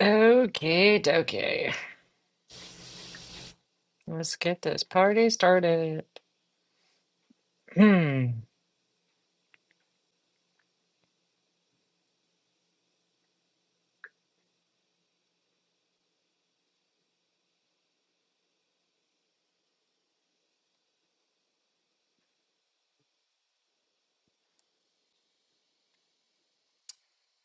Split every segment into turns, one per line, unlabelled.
Okay, okay. Let's get this party started. Hmm.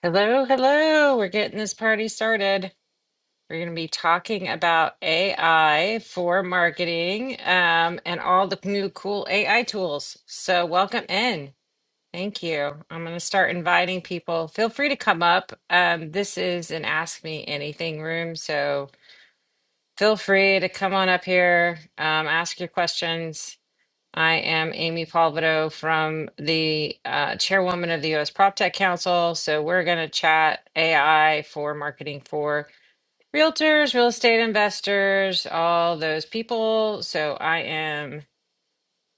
Hello, hello. We're getting this party started. We're going to be talking about AI for marketing um, and all the new cool AI tools. So, welcome in. Thank you. I'm going to start inviting people. Feel free to come up. Um, this is an Ask Me Anything room. So, feel free to come on up here, um, ask your questions I am Amy Palvido from the uh, chairwoman of the U.S. PropTech Council. So we're going to chat AI for marketing for realtors, real estate investors, all those people. So I am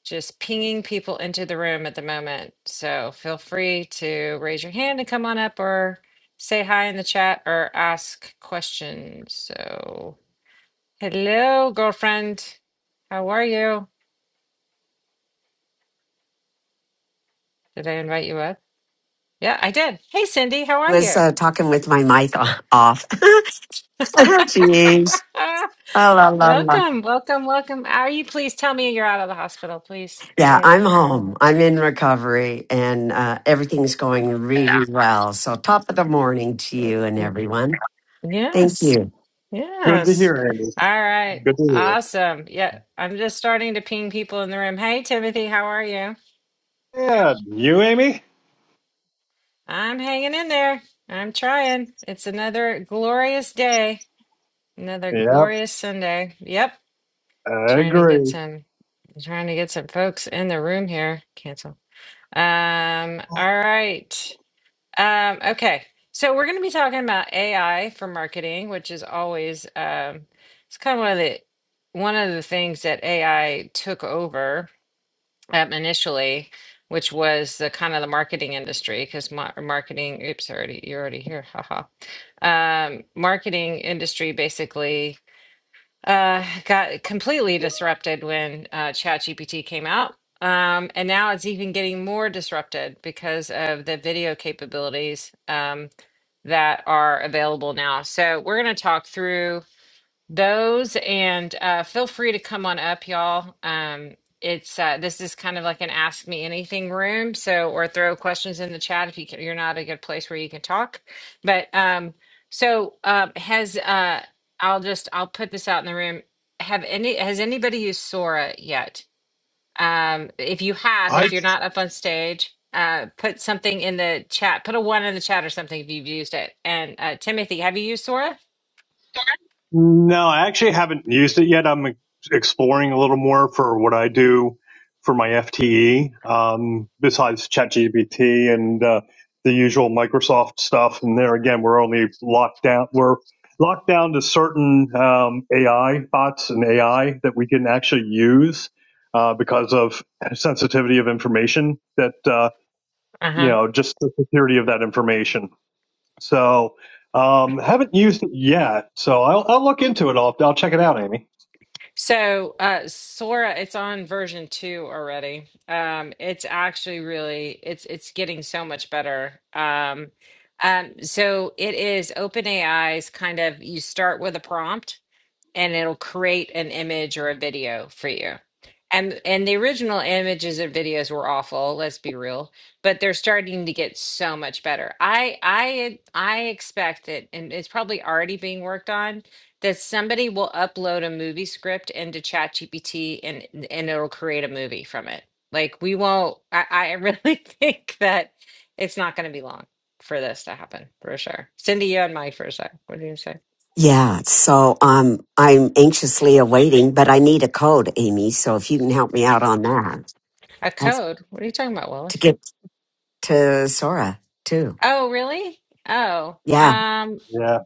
just pinging people into the room at the moment. So feel free to raise your hand and come on up or say hi in the chat or ask questions. So hello, girlfriend. How are you? Did I invite you up? Yeah, I did. Hey, Cindy, how are
was
you?
uh, talking with my mic o- off. Jeez. Oh, la, la, la.
welcome, welcome, welcome. Are you please tell me you're out of the hospital? Please
Yeah,
say
I'm
you're out of
home. I'm in recovery and uh, everything's going really well. So, top of the morning to you and
the
everyone. Thank
Yes,
you.
Good to
yes.
hear, Amy.
All right,
Good to
awesome. Yeah, I'm just starting to ping people in the room. Hey, Timothy, how are you?
hear. Yeah, you, Amy?
I'm hanging in there. I'm trying. It's another glorious day, another
Yep,
glorious Sunday. Yep,
I
trying to get
agree.
some, trying to get some folks in the room here. Cancel. Um, all right. Um, okay, so we're going to be talking about AI for marketing, which is always um, it's kind of one of the one of the things that AI took over um, initially, which was the kind of the marketing industry because marketing. Oops, already you're already here. Haha. Um, marketing industry basically uh, got completely disrupted when uh, ChatGPT came out. Um, and now it's even getting more disrupted because of the video capabilities. Um, that are available now. So we're going to talk through those and uh, feel free to come on up, y'all. Um, it's uh, this is kind of like an ask me anything room. So or throw questions in the chat if you can, you're not a good place where you can talk. But um, so uh, has uh, I'll just I'll put this out in the room. Have any has anybody used Sora yet? um, if you have,
I
if you're not up on stage, uh, put something in the chat. Put a one in the chat or something if you've used it. And uh, Timothy, have you used Sora?
no, I actually haven't used it yet. I'm exploring a little more for what I do for my FTE, um, besides ChatGPT and uh, the usual Microsoft stuff. And there again, we're only locked down. We're locked down to certain um, AI bots and AI that we can actually use uh, because of sensitivity of information that. Uh,
Uh
you
huh.
know, just the security of that information. So, um, haven't used it yet. So I'll, I'll look into it. I'll, I'll check it out, Amy.
So uh, Sora, it's on version two already. Um, it's actually really, it's it's getting so much better. Um, um, so it is OpenAI's kind of. You start with a prompt, and it'll create an image or a video for you. And and the original images and videos were awful, let's be real, but they're starting to get so much better. I I I expect that and it's probably already being worked on that somebody will upload a movie script into ChatGPT and and it'll create a movie from it. Like we won't I, I really think that it's not going to be long for this to happen for sure. Cindy, you had Mike for a sec. What do you say?
Yeah, so um, I'm anxiously awaiting, but I need a code, Amy. So, if you can help me out on that
A
That's
code? What are you talking about, Wallace?
to get to Sora too.
Oh, really? Oh,
Yeah,
um,
Yeah.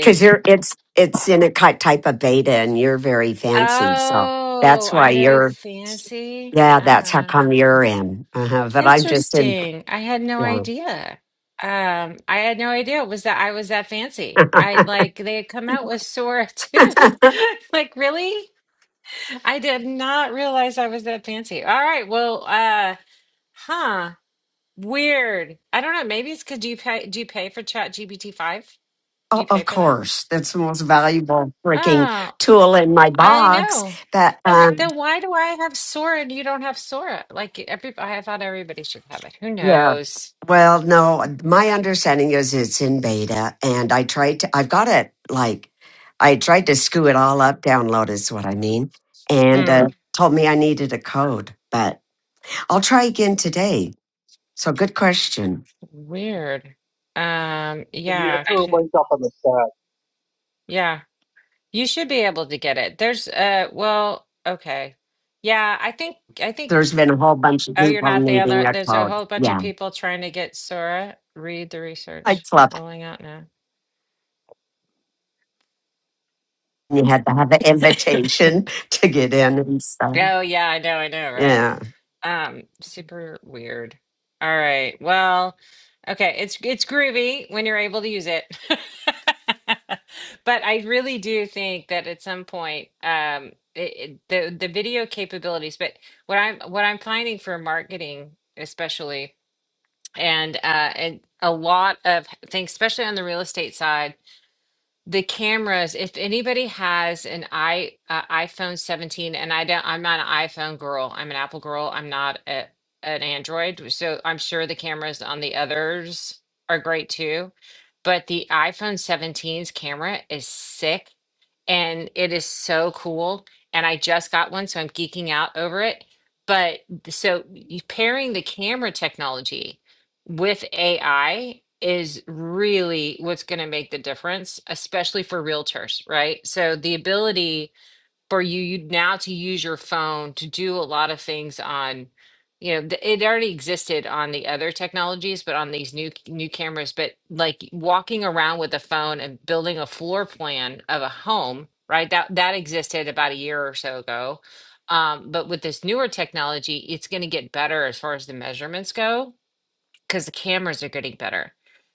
because you're it's it's in a ki- type of beta, and you're very fancy, so
Oh,
that's why
I'm very
you're.
fancy.
Yeah, that's how
Uh,
come you're in. Uh-huh. But I'm just in.
interesting. I had no
Yeah.
idea. Um, I had no idea it was that I was that fancy. I like they had come out with Sora too. Like, really? I did not realize I was that fancy. All right, well, uh, huh. Weird. I don't know. Maybe it's because do you pay do you pay for Chat GPT five? Do
Oh,
you pay
of
for that?
course, that's the most valuable freaking
Oh,
tool in my
I
box.
know.
That. um,
Then why do I have Sora and you don't have Sora? Like every, I thought everybody should have it. Who
Yeah.
knows?
Well, no, my understanding is it's in beta, and I tried to, I've got it like, I tried to screw it all up, download is what I mean, and
Hmm,
uh, told me I needed a code, but I'll try again today. So, good question.
weird. Um,
Cindy, I
yeah,
threw a
c-
link up on the chat.
yeah. You should be able to get it. There's, uh, well, okay, yeah. I think, I think.
There's been a whole bunch of
Oh, you're
people
not the
needing
other.
a
There's a
code.
whole bunch of
Yeah.
people trying to get Sora. Read the
Like
research
Fluff,
rolling out now.
you had to have an invitation to get in and stuff.
Oh yeah, I know, I know, right?
Yeah.
Um, super weird. All right. Well, okay, it's it's groovy when you're able to use it. But I really do think that at some point, um, it, it, the the video capabilities, but what I'm what I'm finding for marketing especially and uh and a lot of things, especially on the real estate side the cameras if anybody has an i uh, iphone 17 and i don't i'm not an iphone girl i'm an apple girl i'm not a, an android so i'm sure the cameras on the others are great too but the iphone seventeen's camera is sick and it is so cool. And I just got one, so I'm geeking out over it. But th- so you- pairing the camera technology with AI is really what's going to make the difference, especially for realtors, right? So the ability for you, you now to use your phone to do a lot of things on, you know, th- it already existed on the other technologies, but on these new new cameras, but like walking around with a phone and building a floor plan of a home, right? That that existed about a year or so ago. Um, but with this newer technology, it's going to get better as far as the measurements go because the cameras are getting better.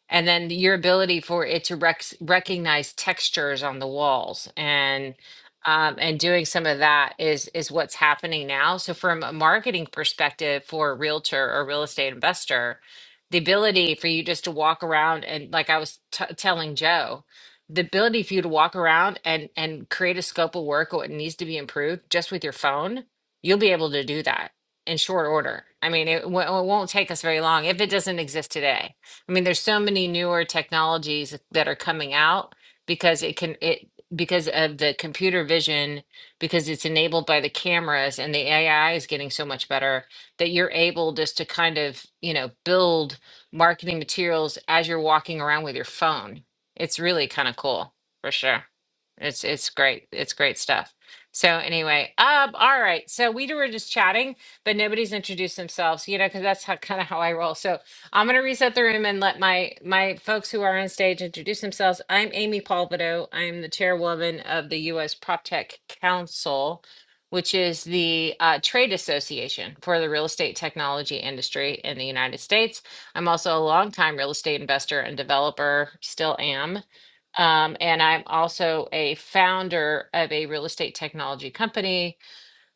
And then the- your ability for it to rec- recognize textures on the walls and um, and doing some of that is is what's happening now. So from a marketing perspective for a realtor or real estate investor, the ability for you just to walk around and like I was t- telling Joe, the ability for you to walk around and and create a scope of work or what needs to be improved just with your phone, you'll be able to do that in short order. I mean, it, w- it won't take us very long if it doesn't exist today. I mean, there's so many newer technologies that are coming out because it can it because of the computer vision because it's enabled by the cameras and the AI is getting so much better that you're able just to kind of, you know, build marketing materials as you're walking around with your phone. It's really kind of cool for sure. It's it's great. It's great stuff. So anyway, um, all right. So we were just chatting but nobody's introduced themselves, you know, because that's how kind of how I roll. So I'm going to reset the room and let my my folks who are on stage introduce themselves. I'm Amy Palvido. I'm the chairwoman of the U.S. Prop Tech Council, which is the uh, trade association for the real estate technology industry in the United States. I'm also a longtime real estate investor and developer, still am. Um, and I'm also a founder of a real estate technology company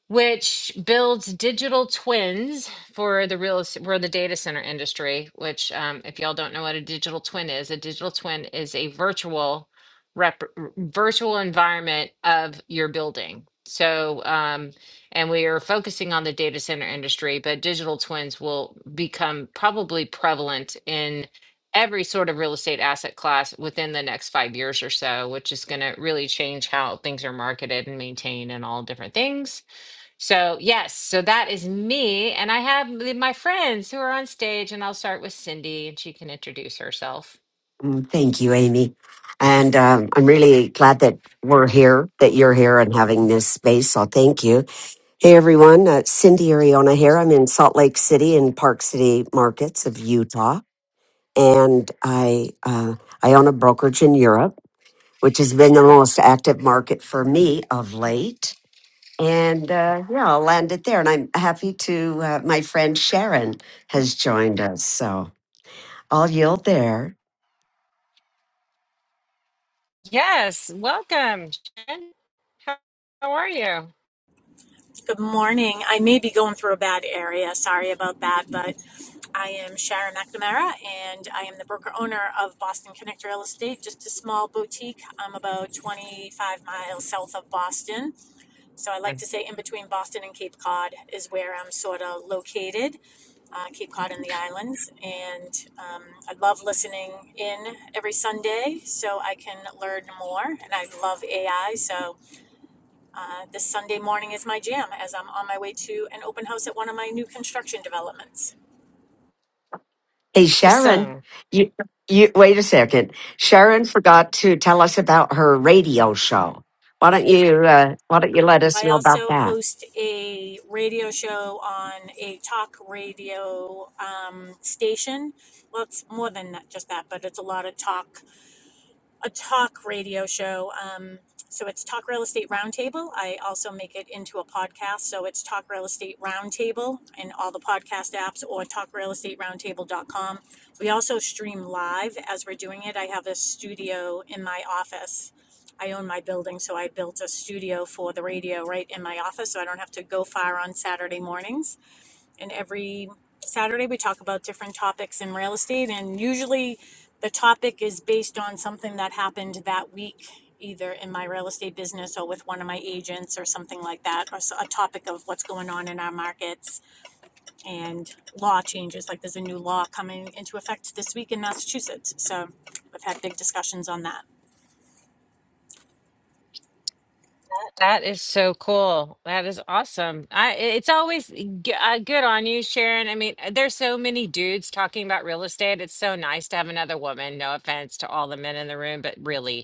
which builds digital twins for the real es- for the data center industry which um, if y'all don't know what a digital twin is a digital twin is a virtual rep, virtual environment of your building so um, and we are focusing on the data center industry but digital twins will become probably prevalent in every sort of real estate asset class within the next five years or so which is going to really change how things are marketed and maintained and all different things so, yes, so that is me. And I have m- my friends who are on stage, and I'll start with Cindy and she can introduce herself.
Mm, Thank you, Amy. And um, I'm really glad that we're here, that you're here and having this space. So thank you. Hey, everyone. Uh, Cindy Ariona here. I'm in Salt Lake City in Park City markets of Utah. And I, uh, I own a brokerage in Europe, which has been the most active market for me of late. And uh, yeah, I'll land it there. And I'm happy to, uh, my friend Sharon has joined us. So I'll yield there.
Yes, welcome, Jen. How, how are you?
Good morning. I may be going through a bad area. Sorry about that, but I am Sharon McNamara and I am the broker owner of Boston Connect Real Estate, just a small boutique. I'm about 25 miles south of Boston. So I like
Mm.
to say in between Boston and Cape Cod is where I'm sort of located, uh, Cape Cod and the islands. And um, I love listening in every Sunday so I can learn more. And I love AI. So uh, this Sunday morning is my jam as I'm on my way to an open house at one of my new construction developments.
Hey, Sharon,
Awesome.
you, you wait a second. Sharon forgot to tell us about her radio show. Why don't you uh, Why don't you let us
I
know about
also
that?
host a radio show on a talk radio um, station. Well, it's more than that, just that, but it's a lot of talk a talk radio show. Um, so it's Talk Real Estate Roundtable. I also make it into a podcast. So it's Talk Real Estate Roundtable in all the podcast apps or talk real estate roundtable dot com. We also stream live as we're doing it. I have a studio in my office. I own my building, so I built a studio for the radio right in my office, so I don't have to go far on Saturday mornings and every Saturday we talk about different topics in real estate and usually the topic is based on something that happened that week either in my real estate business or with one of my agents or something like that or so- a topic of what's going on in our markets and law changes like there's a new law coming into effect this week in Massachusetts so we've had big discussions on that
That is so cool. That is awesome. I i- it's always g- uh, good on you, Sharon. I mean, uh, there's so many dudes talking about real estate. It's so nice to have another woman. No offense to all the men in the room, but really,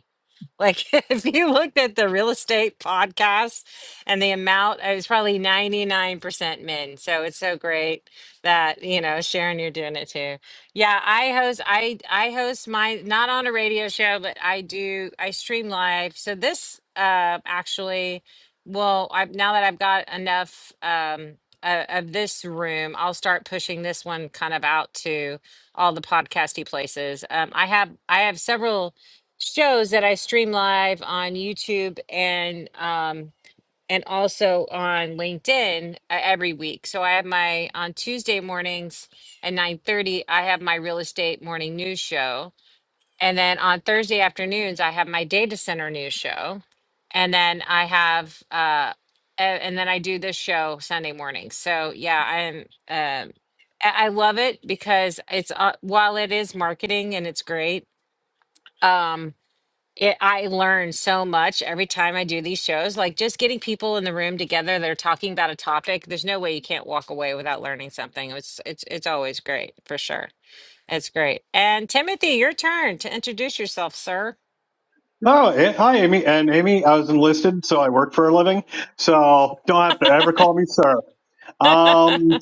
Like if you looked at the real estate podcast and the amount, it was probably 99% men. So it's so great that, you know, Sharon, you're doing it too. Yeah, I host I I host my not on a radio show, but I do I stream live. So this uh actually well, I now that I've got enough um uh, of this room, I'll start pushing this one kind of out to all the podcasty places. Um, I have I have several shows that I stream live on YouTube and um and also on LinkedIn uh, every week. So I have my on Tuesday mornings at 9:30 I have my real estate morning news show and then on Thursday afternoons I have my data center news show and then I have uh a- and then I do this show Sunday morning. So yeah, I'm um I I love it because it's uh, while it is marketing and it's great. Um it, I learn so much every time I do these shows. Like just getting people in the room together that are talking about a topic. There's no way you can't walk away without learning something. It's it's it's always great for sure. It's great. And Timothy, your turn to introduce yourself, sir.
Oh, eh, hi, Amy. And Amy, I was enlisted, so I work for a living. So don't have to ever call me sir. Um,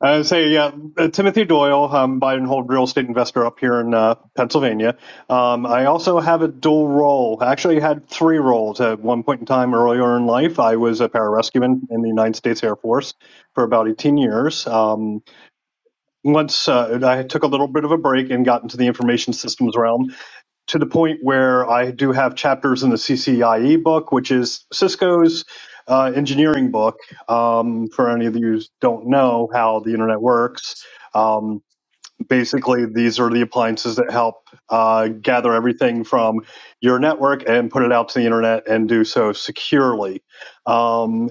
I would say, yeah, uh, Timothy Doyle. i buy and hold real estate investor up here in uh, Pennsylvania. Um, I also have a dual role. I Actually, had three roles at one point in time earlier in life. I was a pararescueman in the United States Air Force for about 18 years. Um, once uh, I took a little bit of a break and got into the information systems realm, to the point where I do have chapters in the CCIE book, which is Cisco's uh, engineering book. Um, for any of you who don't know how the internet works, um, basically these are the appliances that help uh, gather everything from your network and put it out to the internet and do so securely um,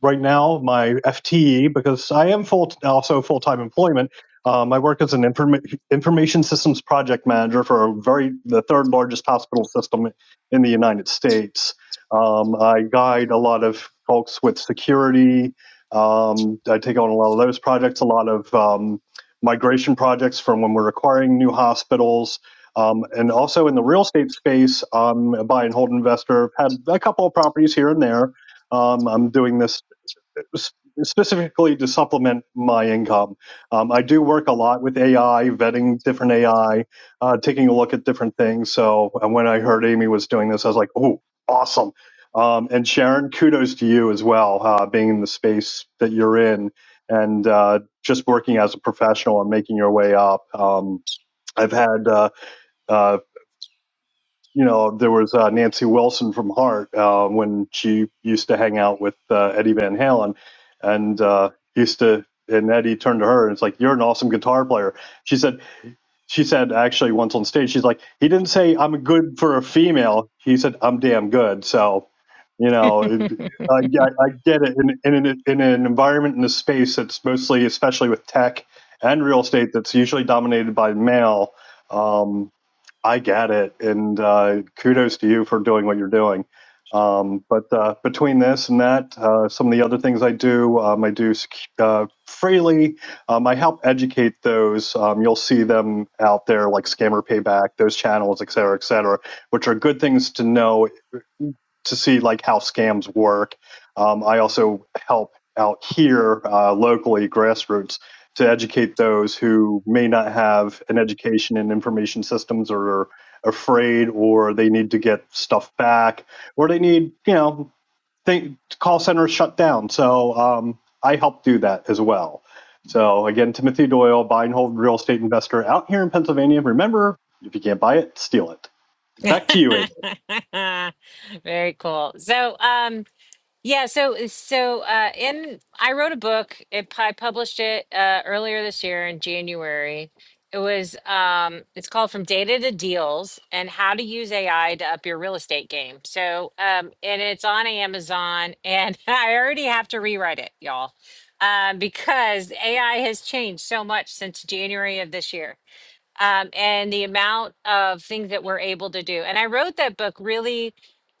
right now my fte because i am full also full-time employment um, i work as an inform- information systems project manager for a very the third largest hospital system in the united states um, i guide a lot of folks with security um, i take on a lot of those projects a lot of um, migration projects from when we're acquiring new hospitals. Um, and also in the real estate space, I'm a buy and hold investor. I've had a couple of properties here and there. Um, I'm doing this specifically to supplement my income. Um, I do work a lot with AI, vetting different AI, uh, taking a look at different things. So and when I heard Amy was doing this, I was like, oh, awesome. Um, and Sharon, kudos to you as well, uh, being in the space that you're in and uh, just working as a professional and making your way up. Um, I've had uh, uh, you know, there was uh, Nancy Wilson from Heart uh, when she used to hang out with uh, Eddie Van Halen, and uh, used to. And Eddie turned to her and it's like, "You're an awesome guitar player." She said, "She said actually once on stage, she's like, he didn't say I'm good for a female. He said I'm damn good." So, you know, it, I, I I get it in, in an in an environment in a space that's mostly, especially with tech and real estate, that's usually dominated by male. Um, I get it, and uh, kudos to you for doing what you're doing. Um, but uh, between this and that, uh, some of the other things I do, um, I do sec- uh, freely. Um, I help educate those. Um, you'll see them out there, like Scammer Payback, those channels, et cetera, et cetera, which are good things to know to see like how scams work. Um, I also help out here uh, locally, grassroots, to educate those who may not have an education in information systems or are afraid or they need to get stuff back or they need, you know, think call centers shut down. So um, I help do that as well. So again, Timothy Doyle, buy and hold real estate investor out here in Pennsylvania. Remember, if you can't buy it, steal it. Back to you, Amy.
Very cool. So, um, Yeah, so uh, so uh, in I wrote a book. It, I published it uh, earlier this year in January. It was um, it's called From Data to Deals and How to Use AI to Up Your Real Estate Game. So um, and it's on Amazon, and I already have to rewrite it, y'all, um, because AI has changed so much since January of this year um, and the amount of things that we're able to do. And I wrote that book really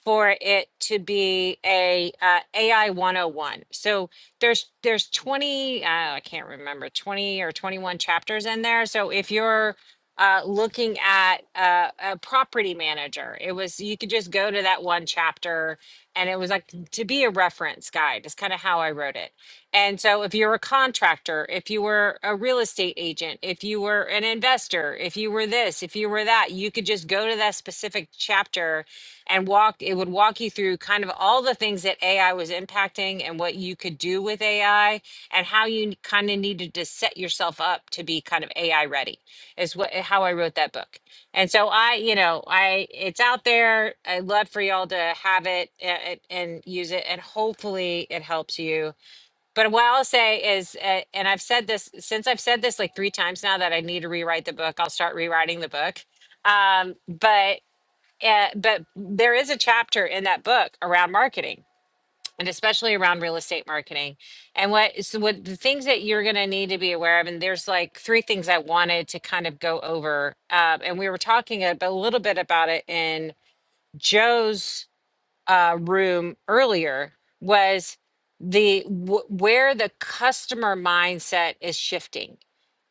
for it to be a uh, AI 101. So there's there's 20 uh, I can't remember 20 or 21 chapters in there. So if you're uh, looking at uh, a property manager, it was you could just go to that one chapter, and it was like to be a reference guide. Is kind of how I wrote it. And so, if you're a contractor, if you were a real estate agent, if you were an investor, if you were this, if you were that, you could just go to that specific chapter and walk. It would walk you through kind of all the things that AI was impacting and what you could do with AI and how you kind of needed to set yourself up to be kind of AI ready, is what how I wrote that book. And so, I, you know, I it's out there. I'd love for y'all to have it a- a- and use it. And hopefully, it helps you but what I'll say is, uh, and I've said this since I've said this like three times now that I need to rewrite the book. I'll start rewriting the book. Um, but uh, but there is a chapter in that book around marketing and especially around real estate marketing. And what so what the things that you're going to need to be aware of. And there's like three things I wanted to kind of go over. Um, and we were talking a, a little bit about it in Joe's uh, room earlier was the wh- where the customer mindset is shifting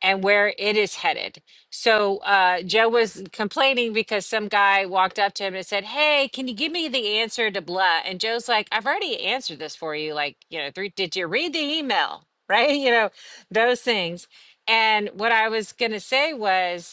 and where it is headed. So uh, Joe was complaining because some guy walked up to him and said, "Hey, can you give me the answer to blah?" And Joe's like, "I've already answered this for you. Like, you know, three, did you read the email? Right? You know, those things." And what I was gonna say was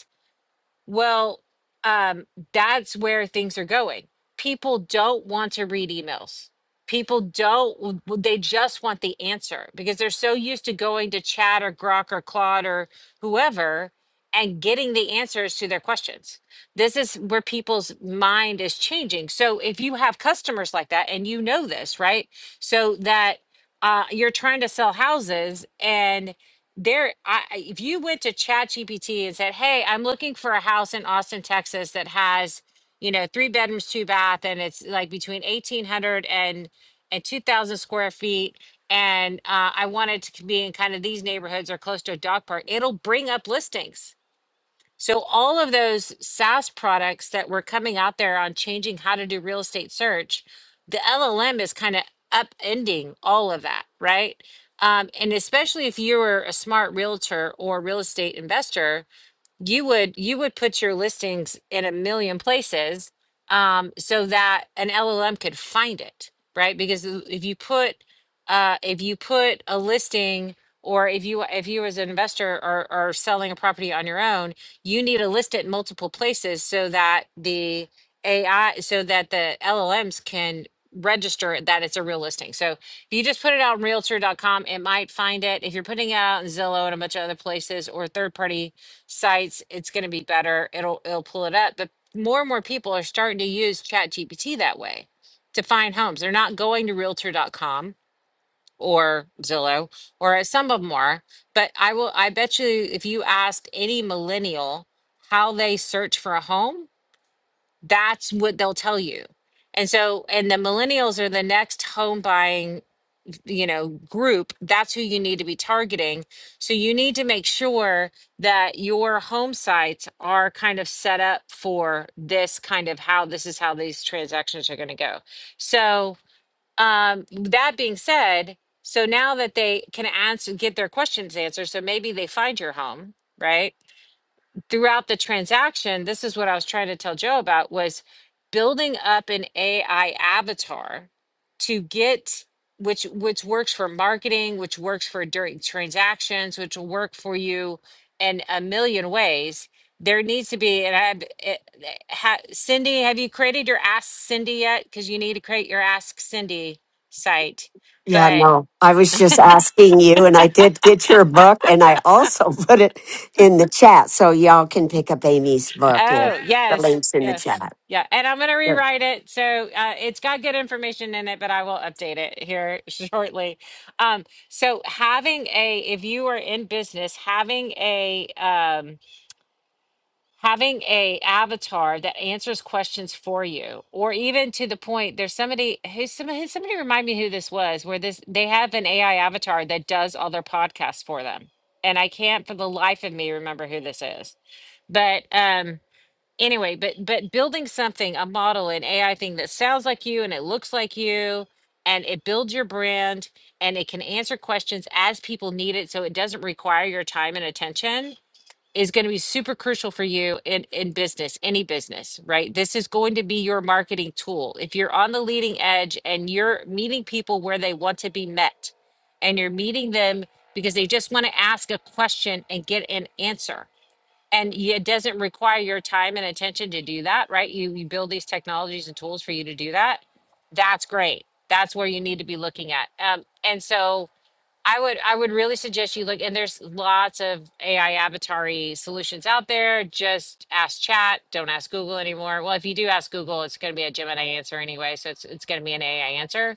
well, um, that's where things are going. People don't want to read emails. People don't, they just want the answer because they're so used to going to chat or Grok or Claude or whoever and getting the answers to their questions. This is where people's mind is changing. So if you have customers like that and you know this, right? So that uh, you're trying to sell houses and there I, I- if you went to ChatGPT and said hey i'm looking for a house in austin texas that has you know three bedrooms two bath and it's like between 1800 and and 2000 square feet and uh, i want it to be in kind of these neighborhoods or close to a dog park it'll bring up listings so all of those SaaS products that were coming out there on changing how to do real estate search, the LLM is kind of upending all of that, right? Um, and especially if you were a smart realtor or real estate investor, you would you would put your listings in a million places um, so that an LLM could find it, right? Because if you put uh, if you put a listing or if you if you as an investor are, are selling a property on your own, you need to list it in multiple places so that the AI so that the LLMs can register that it's a real listing. So if you just put it out on realtor dot com, it might find it. If you're putting it out in Zillow and a bunch of other places or third party sites, it's going to be better. It'll it'll pull it up. But more and more people are starting to use ChatGPT that way to find homes. They're not going to Realtor. dot com or Zillow, or as some of them are. But I will. I bet you, if you asked any millennial how they search for a home, that's what they'll tell you. And so, and the millennials are the next home buying you know group that's who you need to be targeting so you need to make sure that your home sites are kind of set up for this kind of how this is how these transactions are going to go so um that being said so now that they can answer get their questions answered so maybe they find your home right throughout the transaction, this is what I was trying to tell Joe about was building up an AI avatar to get which which works for marketing, which works for during transactions, which will work for you in a million ways. There needs to be, and I've, it, ha, Cindy, have you created your Ask Cindy yet? Because you need to create your Ask Cindy site.
Yeah,
but.
no, I was just asking you, and I did get your book, and I also put it in the chat, so y'all can pick up Amy's book. With
Oh,
the
yes.
links in the
Yeah.
chat.
Yeah. And I'm going to
No,
rewrite it. So uh, it's got good information in it, but I will update it here shortly. Um, so having a, if you are in business, having a, um, having a avatar that answers questions for you or even to the point there's somebody who somebody, somebody remind me who this was where this they have an ai avatar that does all their podcasts for them and i can't for the life of me remember who this is but um anyway but but building something a model an ai thing that sounds like you and it looks like you and it builds your brand and it can answer questions as people need it so it doesn't require your time and attention is going to be super crucial for you in in business any business right this is going to be your marketing tool if you're on the leading edge and you're meeting people where they want to be met and you're meeting them because they just want to ask a question and get an answer and y- it doesn't require your time and attention to do that right you, you build these technologies and tools for you to do that that's great that's where you need to be looking at um, and so I would I would really suggest you look and there's lots of AI avatar solutions out there. Just ask chat, don't ask Google anymore. Well, if you do ask Google, it's gonna be a Gemini answer anyway, so it's it's gonna be an AI answer.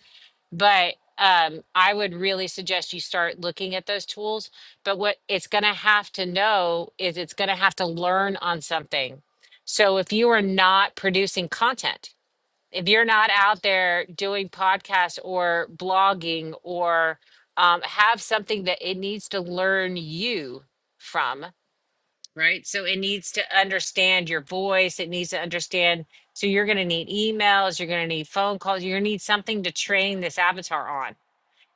But um, I would really suggest you start looking at those tools. But what it's gonna have to know is it's gonna have to learn on something. So if you are not producing content, if you're not out there doing podcasts or blogging or um, have something that it needs to learn you from, right? So it needs to understand your voice. It needs to understand. So you're going to need emails. You're going to need phone calls. You're going to need something to train this avatar on.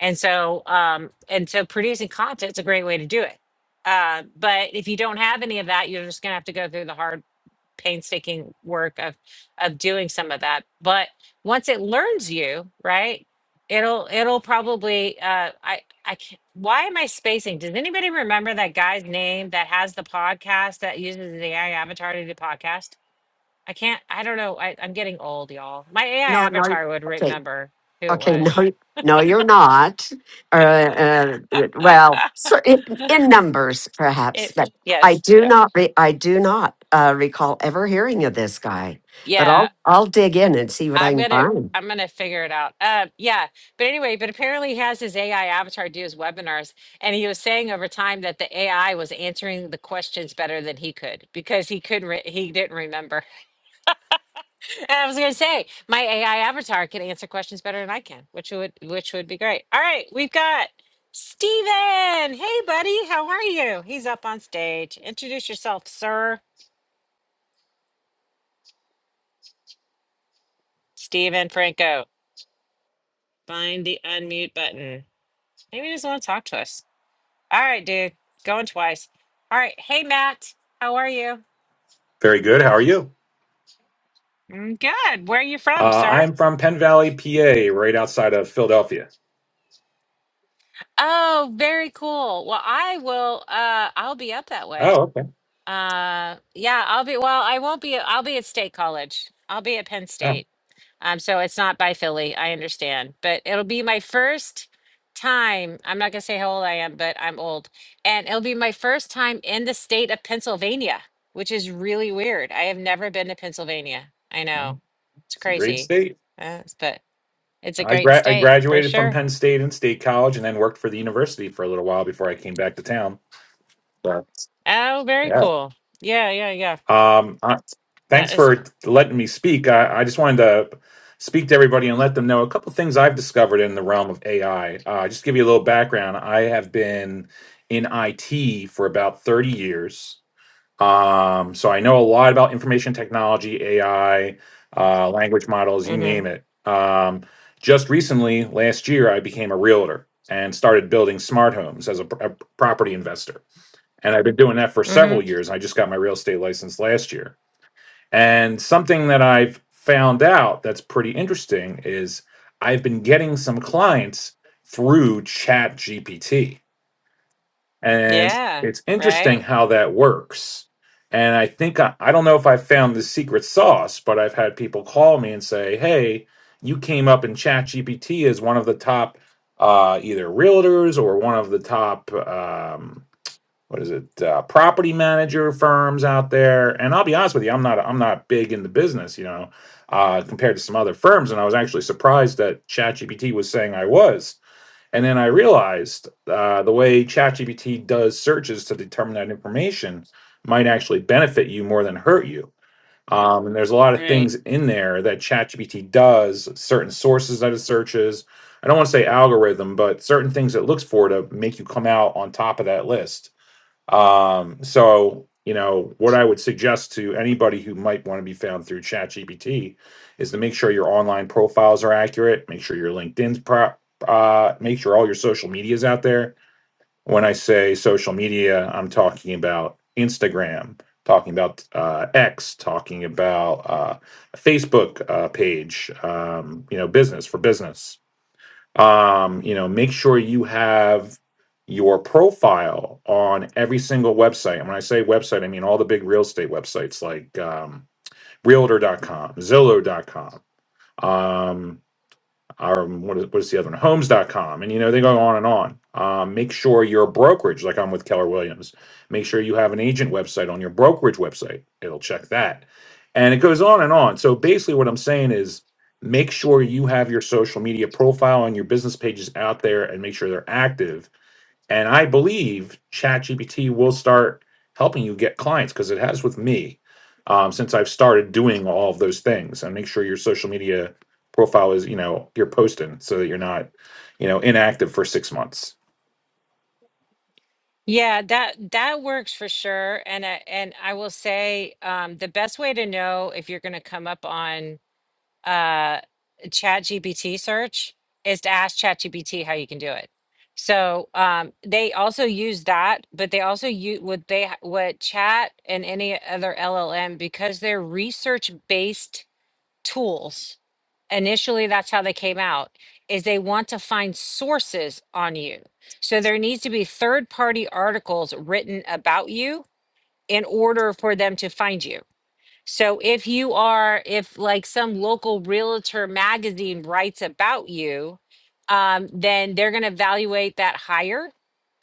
And so, um, and so producing content is a great way to do it. Uh, but if you don't have any of that, you're just going to have to go through the hard painstaking work of of doing some of that but once it learns you right it'll it'll probably uh i i can't why am i spacing does anybody remember that guy's name that has the podcast that uses the ai avatar to do podcast i can't i don't know I, i'm getting old y'all my ai
no,
avatar would
okay.
remember who it
Okay,
was
no, no, you're not. Uh, uh, well, cer- in, in numbers, perhaps,
It
but I
yes,
do
yeah.
not. Re- I do not uh, recall ever hearing of this guy. But
yeah
I'll I'll dig in and see what I
I'm
can
gonna
find.
I'm gonna figure it out. Uh, yeah, but anyway, but apparently he has his AI avatar do his webinars, and he was saying over time that the AI was answering the questions better than he could because he couldn't re- he didn't remember. And I was gonna say my AI avatar can answer questions better than I can, which would which would be great. All right, we've got Steven. Hey, buddy, how are you? He's up on stage. Introduce yourself, sir. Steven Franco. Find the unmute button. Maybe he doesn't want to talk to us. All right, dude. Going twice. All right. Hey, Matt. How are you?
Very good. How are you?
"Mm, Good. Where are you
Uh,
from, sir?
I'm from Penn Valley, PA, right outside of Philadelphia.
Oh, very cool. Well, I will uh I'll be up that way.
Oh, okay.
Uh yeah, I'll be well, I won't be I'll be at State College. I'll be at Penn State.
Oh,
Um, so it's not by Philly. I understand, but it'll be my first time. I'm not gonna say how old I am, but I'm old, and it'll be my first time in the state of Pennsylvania, which is really weird. I have never been to Pennsylvania. I
well,
know it's
it's a great
crazy,
state.
uh, but it's a
I
great
gra- I
state for
graduated from
sure.
Penn State and State College, and then worked for the university for a little while before I came back to town. So,
Oh, very
yeah.
cool. Yeah, yeah, yeah.
Um, I-
That
thanks
is.
for letting me speak. I, I just wanted to speak to everybody and let them know a couple things I've discovered in the realm of AI. Uh, just to give you a little background. I have been in IT for about 30 years. Um, so I know a lot about information technology, AI, uh, language models, you
Mm-hmm.
name it. Um, just recently, last year, I became a realtor and started building smart homes as a, pr- a property investor. And I've been doing that for several
Mm-hmm.
years. I just got my real estate license last year. And something that I've found out that's pretty interesting is I've been getting some clients through Chat GPT. And
Yeah.
it's interesting
Right.
how that works. And I think I, I don't know if I found the secret sauce, but I've had people call me and say, "Hey, you came up in ChatGPT as one of the top uh, either realtors or one of the top um, what is it uh, property manager firms out there." And I'll be honest with you, I'm not I'm not big in the business, you know, uh, compared to some other firms. And I was actually surprised that ChatGPT was saying I was and then I realized uh, the way ChatGPT does searches to determine that information might actually benefit you more than hurt you. Um, and there's a lot of
Right.
things in there that ChatGPT does, certain sources that it searches. I don't want to say algorithm, but certain things it looks for to make you come out on top of that list. Um, so, you know, what I would suggest to anybody who might want to be found through ChatGPT is to make sure your online profiles are accurate, make sure your LinkedIn's pro- uh, make sure all your social media is out there. When I say social media, I'm talking about Instagram, talking about uh, X, talking about uh, Facebook uh, page, um, you know, business for business um, you know make sure you have your profile on every single website and when i say website i mean all the big real estate websites like um, realtor.com zillow.com um, or what is, what is the other one? Homes dot com, And, you know, they go on and on. Um, make sure your brokerage, like I'm with Keller Williams, make sure you have an agent website on your brokerage website. It'll check that. And it goes on and on. So basically, what I'm saying is make sure you have your social media profile and your business pages out there and make sure they're active and I believe ChatGPT will start helping you get clients because it has with me um, since I've started doing all of those things. And make sure your social media profile is, you know, you're posting so that you're not, you know, inactive for six months.
Yeah, that that works for sure. And I, and I will say um, the best way to know if you're going to come up on uh, Chat GPT search is to ask Chat GPT how you can do it. So um, they also use that, but they also use what they ha- what Chat and any other LLM because they're research based tools initially that's how they came out is they want to find sources on you so there needs to be third party articles written about you in order for them to find you so if you are, if like some local realtor magazine writes about you, um, then they're going to evaluate that higher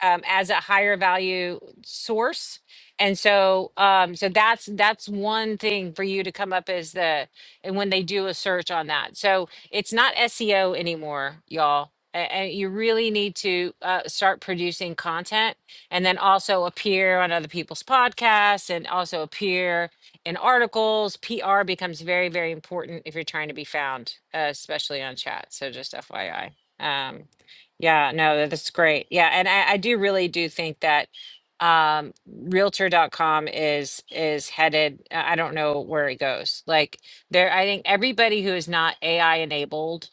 um, as a higher value source. And so, um, so that's that's one thing for you to come up as the and when they do a search on that. So it's not SEO anymore, y'all. And you really need to uh, start producing content and then also appear on other people's podcasts and also appear in articles. PR becomes very, very important if you're trying to be found, uh, especially on chat. So just FYI. Um, yeah, no, that's great. Yeah, and I, I do really do think that um realtor.com is is headed i I don't know where it goes like there i think everybody who is not ai enabled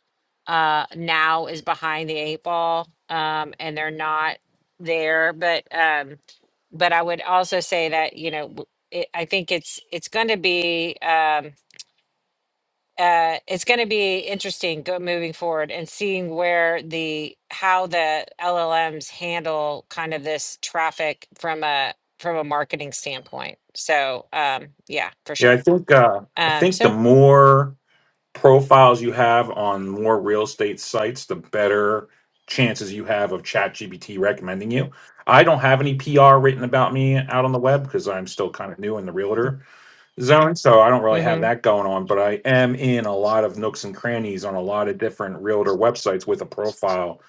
uh now is behind the eight ball um and they're not there but um but i would also say that you know it, I think it's it's going to be um, uh, it's going to be interesting go, moving forward and seeing where the how the LLMs handle kind of this traffic from a from a marketing standpoint. So um, yeah, for
Yeah, I
sure.
think uh, I
Um,
think the
so
more profiles you have on more real estate sites, the better chances you have of ChatGPT recommending you. I don't have any PR written about me out on the web because I'm still kind of new in the realtor zone, so I don't really have
mm-hmm,
that going on, but I am in a lot of nooks and crannies on a lot of different realtor websites with a profile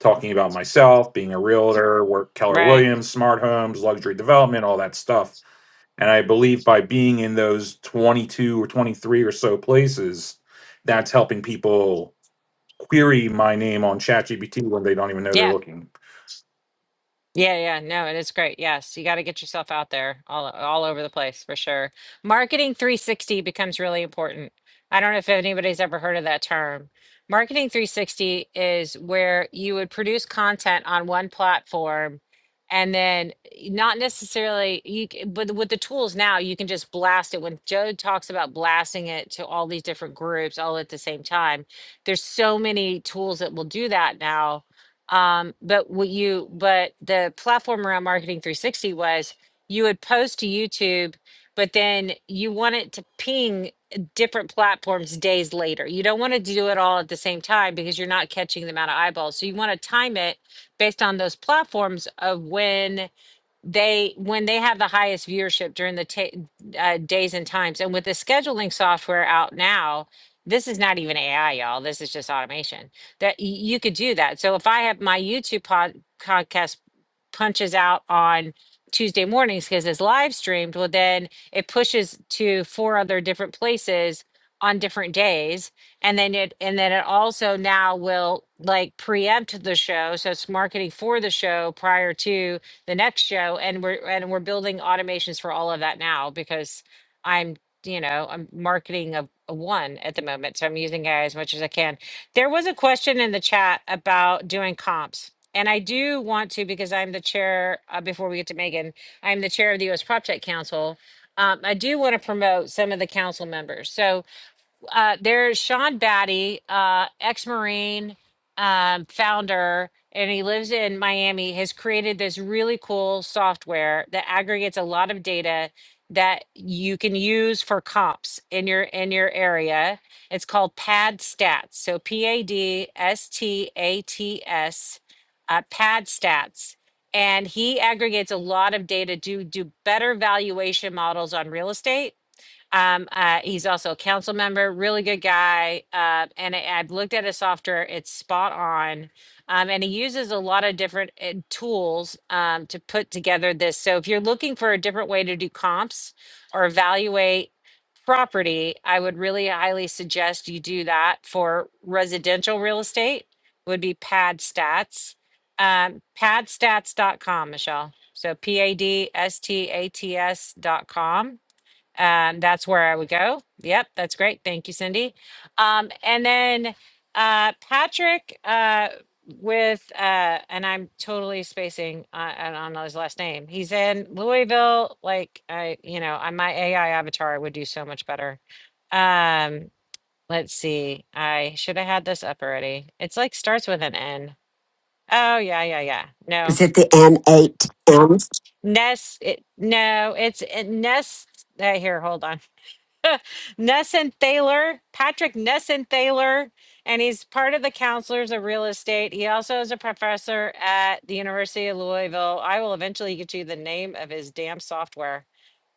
talking about myself, being a realtor, work Keller
right,
Williams, smart homes, luxury development, all that stuff. And I believe by being in those 22 or 23 or so places, that's helping people query my name on ChatGPT when they don't even know
yeah.
they're looking.
Yeah, yeah, no, it is great. Yes, you got to get yourself out there all all over the place for sure. Marketing 360 becomes really important. I don't know if anybody's ever heard of that term. Marketing 360 is where you would produce content on one platform and then eh, not necessarily you c- but with the tools now you can just blast it when Joe talks about blasting it to all these different groups all at the same time. There's so many tools that will do that now um, but what you, but the platform around Marketing 360 was you would post to YouTube, but then you want it to ping different platforms days later. You don't want to do it all at the same time because you're not catching the amount of eyeballs. So you want to time it based on those platforms of when they when they have the highest viewership during the ta- uh, days and times and with the scheduling software out now this is not even ai y'all this is just automation that y- you could do that so if i have my youtube pod- podcast punches out on tuesday mornings because it's live streamed well then it pushes to four other different places on different days and then it and then it also now will like preempt the show so it's marketing for the show prior to the next show and we're and we're building automations for all of that now because i'm you know i'm marketing a, a one at the moment so i'm using ai as much as i can there was a question in the chat about doing comps and i do want to because i'm the chair uh, before we get to megan i'm the chair of the us PropTech council um, i do want to promote some of the council members so uh, there's Sean Batty, uh, ex-Marine um, founder, and he lives in Miami. Has created this really cool software that aggregates a lot of data that you can use for comps in your in your area. It's called Pad Stats. So P A D S T A T S, uh, Pad Stats. And he aggregates a lot of data to do better valuation models on real estate um, uh, he's also a council member, really good guy. Uh, and I, I've looked at his software, it's spot on. Um, and he uses a lot of different uh, tools um, to put together this. So if you're looking for a different way to do comps or evaluate property, I would really highly suggest you do that for residential real estate, would be pad stats. Um, pad stats dot com, Michelle. So P A D S T A T S dot com um, that's where I would go. Yep, that's great. Thank you, Cindy. Um, and then uh, Patrick uh, with, uh, and I'm totally spacing, on I don't know his last name. He's in Louisville. Like, I, you know, on my AI avatar would do so much better. Um, let's see. I should have had this up already. It's like starts with an N. Oh, yeah, yeah, yeah.
Is
No.
it the N eight M?
Ness, it, no, it's it, Nest. Uh, here, hold on. Nesson Thaler, Patrick Nesson Thaler, and he's part of the counselors of real estate. He also is a professor at the University of Louisville. I will eventually get you the name of his damn software.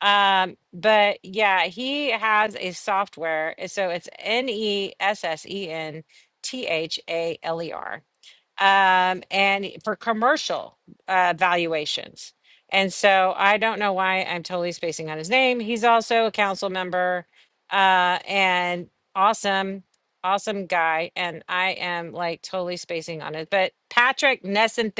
Um, but yeah, he has a software. So it's N E S S E N T H A L E R um, and for commercial uh, valuations. And so I don't know why I'm totally spacing on his name. He's also a council member uh, and awesome, awesome guy. And I am like totally spacing on it. But Patrick Nesson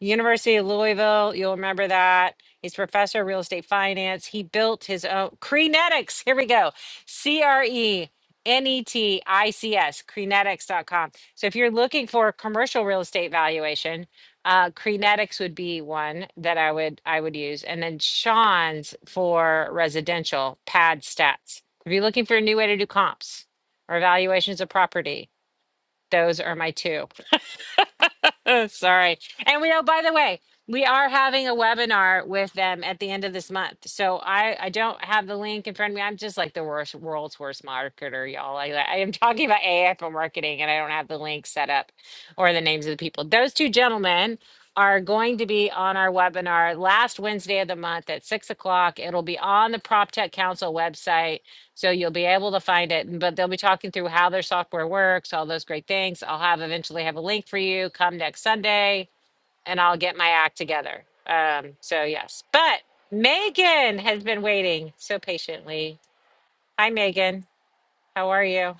University of Louisville. You'll remember that. He's professor of real estate finance. He built his own Crenetics. Here we go. C R E N E T I C S, Crenetics.com. So if you're looking for a commercial real estate valuation, uh, Crenetics would be one that I would I would use, and then Sean's for residential pad stats. If you're looking for a new way to do comps or valuations of property, those are my two. Sorry. And we know, by the way, we are having a webinar with them at the end of this month. So I, I don't have the link in front of me. I'm just like the worst, world's worst marketer, y'all. Like I I am talking about AI for marketing and I don't have the link set up or the names of the people. Those two gentlemen are going to be on our webinar last Wednesday of the month at six o'clock. It'll be on the PropTech Council website so you'll be able to find it, but they'll be talking through how their software works, all those great things. I'll have eventually have a link for you come next Sunday and I'll get my act together. Um, so yes, but Megan has been waiting so patiently. Hi, Megan. How are you?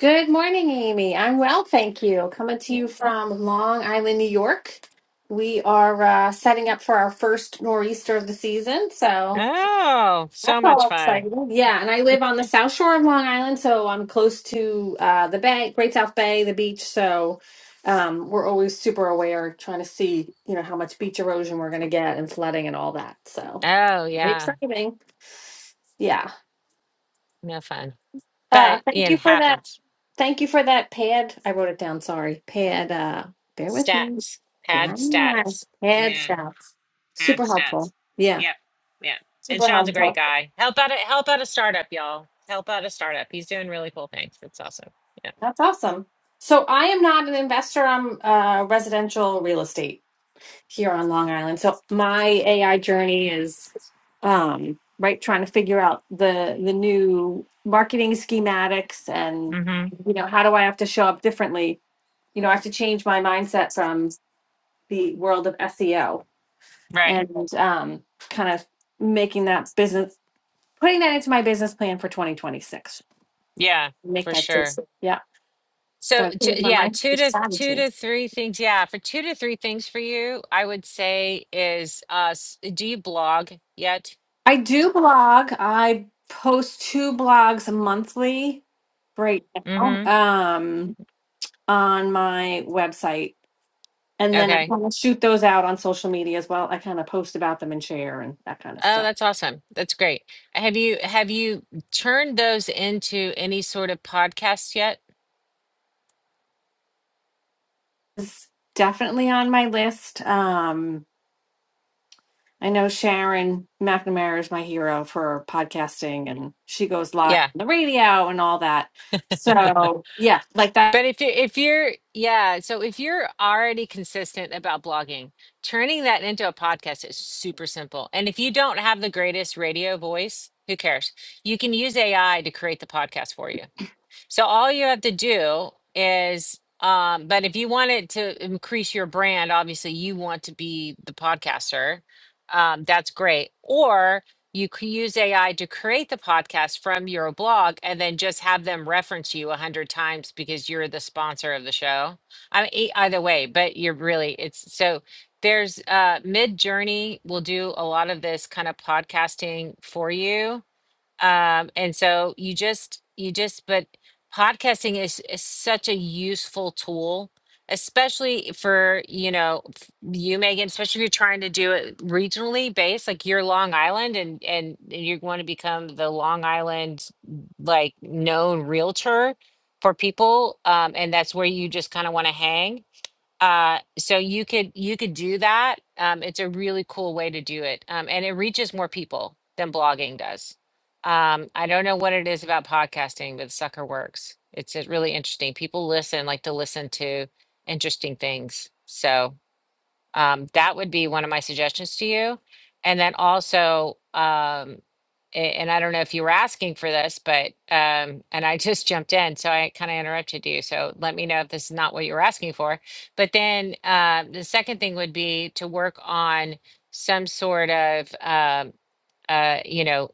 Good morning, Amy. I'm well, thank you. Coming to
Yeah.
you from Long Island, New York. We are uh, setting up for our first nor'easter of the season, so
Oh,
that's
so much
all
fun.
exciting. Yeah, and I live on the south shore of Long Island, so I'm close to uh, the bay, Great South Bay, the beach. So um, we're always super aware, trying to see, you know, how much beach erosion we're going to get and flooding and all that. So
Oh
very
yeah.
exciting. Yeah.
No fun,
Uh,
but
thank
it
you for that.
happens.
Thank you for that pad. I wrote it down, sorry. Pad, uh, bear with me.
Stats, pad
Yeah,
stats.
pad
Yeah.
stats.
Ab
Super
stats.
helpful. Yeah,
Yep. Yeah. And
super
Sean's a great
helpful.
guy. Help out a help out a startup, y'all. Help out a startup. He's doing really cool things. It's awesome. Yeah.
That's awesome. So I am not an investor. I'm uh, residential real estate here on Long Island. So my AI journey is um, right trying to figure out the the new marketing schematics and
Mm-hmm.
you know how do I have to show up differently. You know, I have to change my mindset from the world of SEO
Right.
and um, kind of making that business, putting that into my business plan for 2026.
Yeah,
Make
for
that
sure.
decision. Yeah,
So
got to
t-
change my
yeah,
mind.
two to two
Strategy.
to three things. Yeah, for two to three things for you, I would say is uh s- do you blog yet?
I do blog. I post two blogs monthly right now
Mm-hmm.
um, on my website, and then I
Okay.
kind of shoot those out on social media as well. I kind of post about them and share and that kind of
Oh,
stuff.
that's awesome. That's great. Have you have you turned those into any sort of podcast yet?
It's definitely on my list. Um, I know Sharon McNamara is my hero for podcasting and she goes live
Yeah.
on the radio and all that. So yeah, like that
But if you if you're yeah, so if you're already consistent about blogging, turning that into a podcast is super simple. And if you don't have the greatest radio voice, who cares? You can use AI to create the podcast for you. So all you have to do is, um, but if you wanted to increase your brand, obviously you want to be the podcaster. Um, that's great. Or you could use AI to create the podcast from your blog and then just have them reference you a hundred times because you're the sponsor of the show. I mean, e- either way, but you're really, it's so there's uh mid journey will do a lot of this kind of podcasting for you um and so you just you just but podcasting is, is such a useful tool especially for you know f- you megan especially if you're trying to do it regionally based like you're long island and and you want to become the long island like known realtor for people um and that's where you just kind of want to hang uh so you could you could do that um it's a really cool way to do it um and it reaches more people than blogging does um i don't know what it is about podcasting but sucker works it's uh, really interesting people listen like to listen to interesting things so um, that would be one of my suggestions to you. And then also, um, a- and I don't know if you were asking for this, but um, and I just jumped in, so I kind of interrupted you. So let me know if this is not what you were asking for. But then uh, the second thing would be to work on some sort of um, uh, you know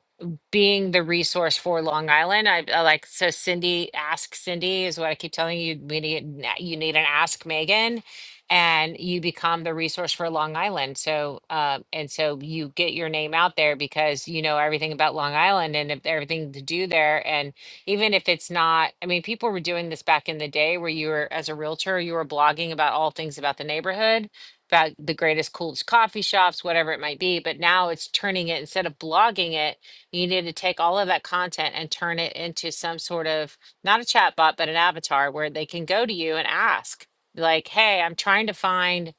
being the resource for Long Island. I, I like so Cindy, ask Cindy is what I keep telling you. We need an a- you need an ask Megan, and you become the resource for Long Island. So uh, and so you get your name out there because you know everything about Long Island and if- everything to do there. And even if it's not, I mean, people were doing this back in the day where you were as a realtor, you were blogging about all things about the neighborhood about the greatest, coolest coffee shops, whatever it might be. But now it's turning it instead of blogging it. You need to take all of that content and turn it into some sort of not a chat bot, but an avatar where they can go to you and ask, like, "Hey, I'm trying to find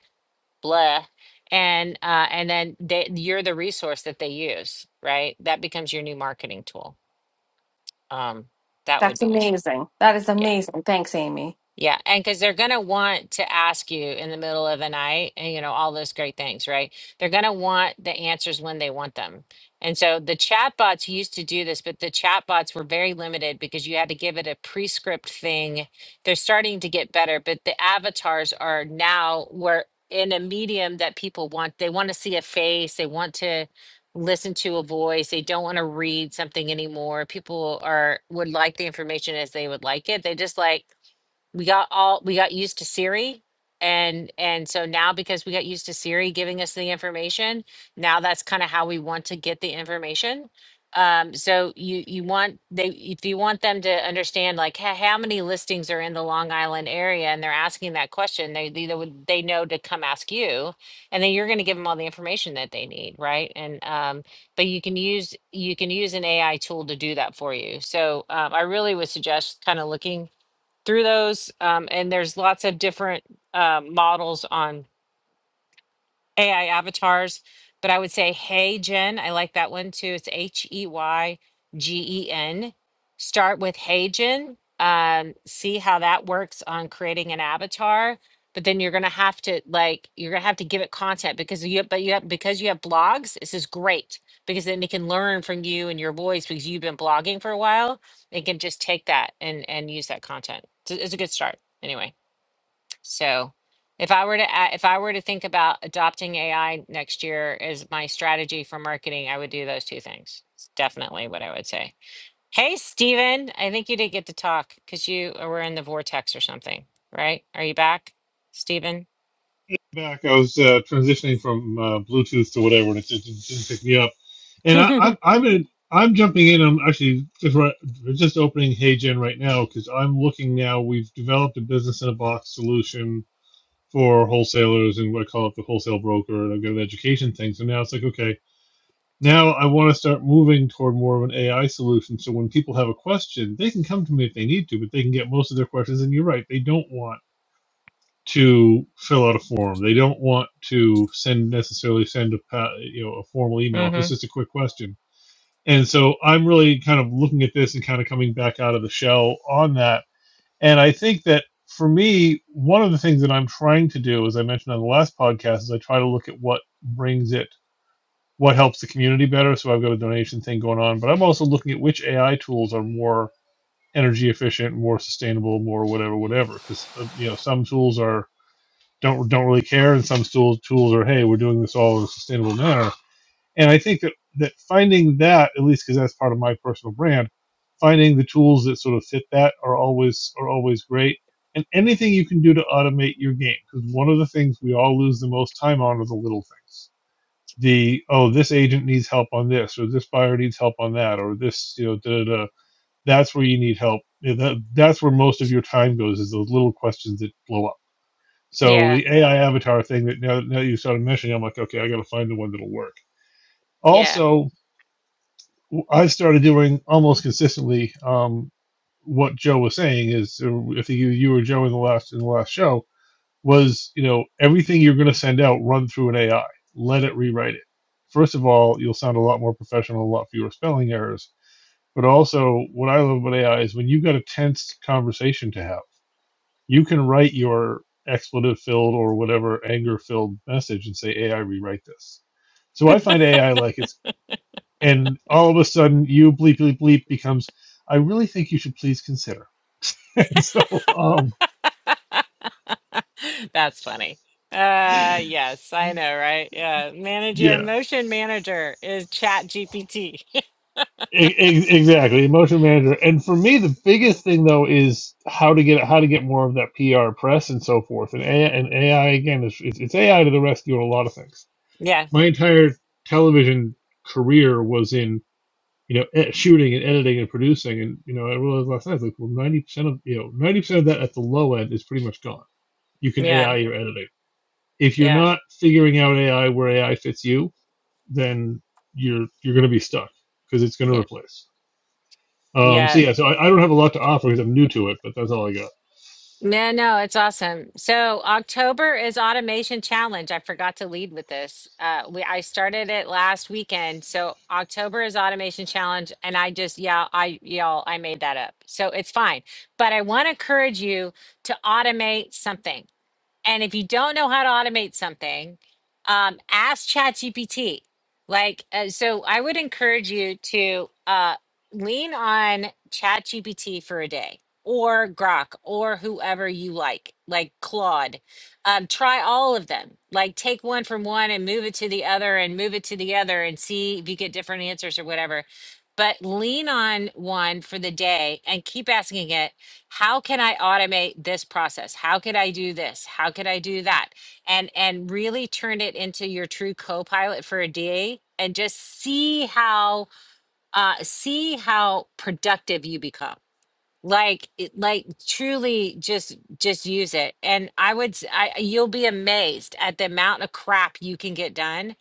blah," and uh, and then they, you're the resource that they use, right? That becomes your new marketing tool. Um, that would
that's
be,
amazing. That is
yeah.
amazing. Thanks, Amy.
Yeah, and because they're going to want to ask you in the middle of the night, and you know, all those great things, right? They're going to want the answers when they want them. And so the chatbots used to do this, but the chatbots were very limited because you had to give it a prescript thing. They're starting to get better, but the avatars are now we're in a medium that people want. They want to see a face, they want to listen to a voice, they don't want to read something anymore. People are would like the information as they would like it. They just like we got all we got used to Siri and and so now because we got used to Siri giving us the information, now that's kind of how we want to get the information. Um, so you you want they if you want them to understand like h- how many listings are in the Long Island area and they're asking that question, they they, they would they know to come ask you, and then you're going to give them all the information that they need, right? And um, but you can use you can use an AI tool to do that for you. So um, I really would suggest kind of looking through those. Um, and there's lots of different um, models on AI avatars, but I would say Hey Gen, I like that one too. It's H E Y G E N. Start with Hey Gen, Um, see how that works on creating an avatar. But then you're gonna have to like you're gonna have to give it content because you but you have because you have blogs. This is great because then it can learn from you and your voice because you've been blogging for a while. It can just take that and and use that content. It's a it's a good start anyway. So if I were to a- if I were to think about adopting AI next year as my strategy for marketing, I would do those two things. It's definitely what I would say. Hey, Steven, I think you did get to talk because you were in the vortex or something, right? Are you back, Steven?
back. I was uh, transitioning from uh, Bluetooth to whatever, and it just didn't, didn't pick me up. And I,
hmm
I, I'm in, I'm jumping in. I'm actually just right, just opening HeyGen right now because I'm looking now. We've developed a business in a box solution for wholesalers and what I call it the wholesale broker, and I've got an education thing. So now it's like, okay, now I want to start moving toward more of an AI solution. So when people have a question, they can come to me if they need to, but they can get most of their questions. And you're right, they don't want to fill out a form. They don't want to send necessarily send a you know a formal email if it's just a quick question. And so I'm really kind of looking at this and kind of coming back out of the shell on that. And I think that for me, one of the things that I'm trying to do, as I mentioned on the last podcast, is I try to look at what brings it, what helps the community better. So I've got a donation thing going on, but I'm also looking at which AI tools are more energy efficient, more sustainable, more whatever, whatever. Because uh, you know some tools are don't don't really care, and some tools tools are hey, we're doing this all in a sustainable manner. And I think that that finding that at least because that's part of my personal brand, finding the tools that sort of fit that are always are always great. And anything you can do to automate your game, because one of the things we all lose the most time on are the little things. The oh, this agent needs help on this, or this buyer needs help on that, or this you know da da. da. That's where you need help. Yeah, that, that's where most of your time goes is those little questions that blow up so
Yeah,
the AI avatar thing that now, now you started mentioning, I'm like, okay, I got to find the one that'll work.
yeah.
Also, I started doing almost consistently um, what Joe was saying is, uh, I think you, you or Joe in the last in the last show was, you know, everything you're going to send out, run through an AI, let it rewrite it. First of all, you'll sound a lot more professional, a lot fewer spelling errors. But also, what I love about AI is when you've got a tense conversation to have you can write your expletive filled or whatever anger filled message and say ai rewrite this so i find ai like it's and all of a sudden you bleep bleep bleep becomes i really think you should please consider and so um
That's funny. Uh yes, I know, right? Yeah. Manage your
yeah
emotion manager is chat GPT.
e- e- exactly emotion manager and for me the biggest thing though is how to get how to get more of that pr press and so forth and ai, and AI again is it's it's ai to the rescue in a lot of things
yeah,
my entire television career was in you know, e- shooting and editing and producing. And, you know, I realized last night, like, well, 90% of, you know, 90% of that at the low end is pretty much gone. You can
yeah,
AI your editing. If you're
yeah,
not figuring out AI where AI fits you, then you're, you're going to be stuck because it's going to
yeah.
replace. Um,
Yeah,
so yeah, so I, I don't have a lot to offer because I'm new to it, but that's all I got.
No, no, it's awesome. So October is Automation Challenge. I forgot to lead with this. Uh, we I started it last weekend. So October is Automation Challenge, and I just yeah, I y'all I made that up. So it's fine. But I want to encourage you to automate something. And if you don't know how to automate something, um, ask ChatGPT. Like, uh, so I would encourage you to uh, lean on ChatGPT for a day or Grok or whoever you like, like Claude. Um, try all of them. Like, take one from one and move it to the other and move it to the other and see if you get different answers or whatever. But lean on one for the day and keep asking it how can i automate this process how could i do this how could i do that and and really turn it into your true co-pilot for a da and just see how uh see how productive you become like it- like truly just just use it and i would s- i you'll be amazed at the amount of crap you can get done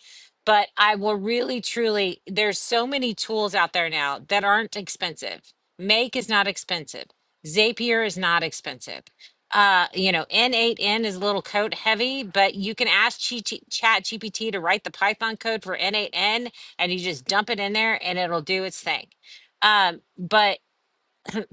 but i will really truly there's so many tools out there now that aren't expensive make is not expensive zapier is not expensive uh you know n8n is a little code heavy but you can ask G- T chat gpt to write the python code for n8n and you just dump it in there and it'll do its thing um but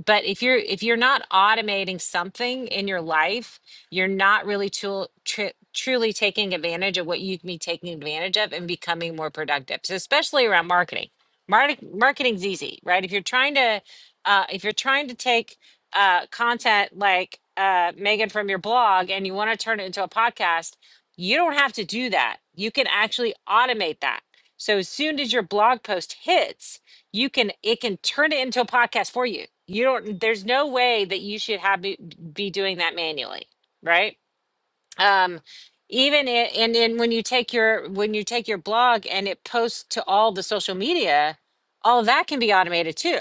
but if you're if you're not automating something in your life you're not really tool, tru- truly taking advantage of what you can be taking advantage of and becoming more productive so especially around marketing Market, marketing's easy right if you're trying to uh, if you're trying to take uh, content like uh, megan from your blog and you want to turn it into a podcast you don't have to do that you can actually automate that so as soon as your blog post hits you can it can turn it into a podcast for you you don't there's no way that you should have be, be doing that manually right um even it, and then when you take your when you take your blog and it posts to all the social media all that can be automated too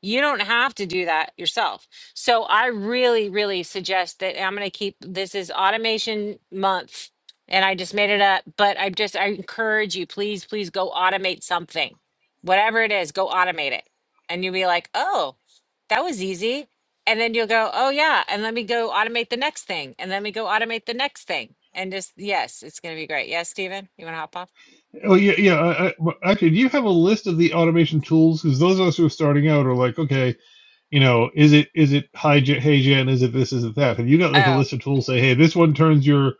you don't have to do that yourself. So I really, really suggest that I'm going to keep this is automation month and I just made it up, but I just, I encourage you, please, please go automate something, whatever it is, go automate it. And you'll be like, oh, that was easy. And then you'll go, oh yeah. And let me go automate the next thing. And let me go automate the next thing. And just, yes, it's going to be great. Yes, Steven, you want to hop off?
Oh yeah, yeah. I, I, well, actually, do you have a list of the automation tools? Because those of us who are starting out are like, okay, you know, is it is it hi J- hey is it this, is it that? Have you got like a list of
Oh,
tools say, hey, this one turns your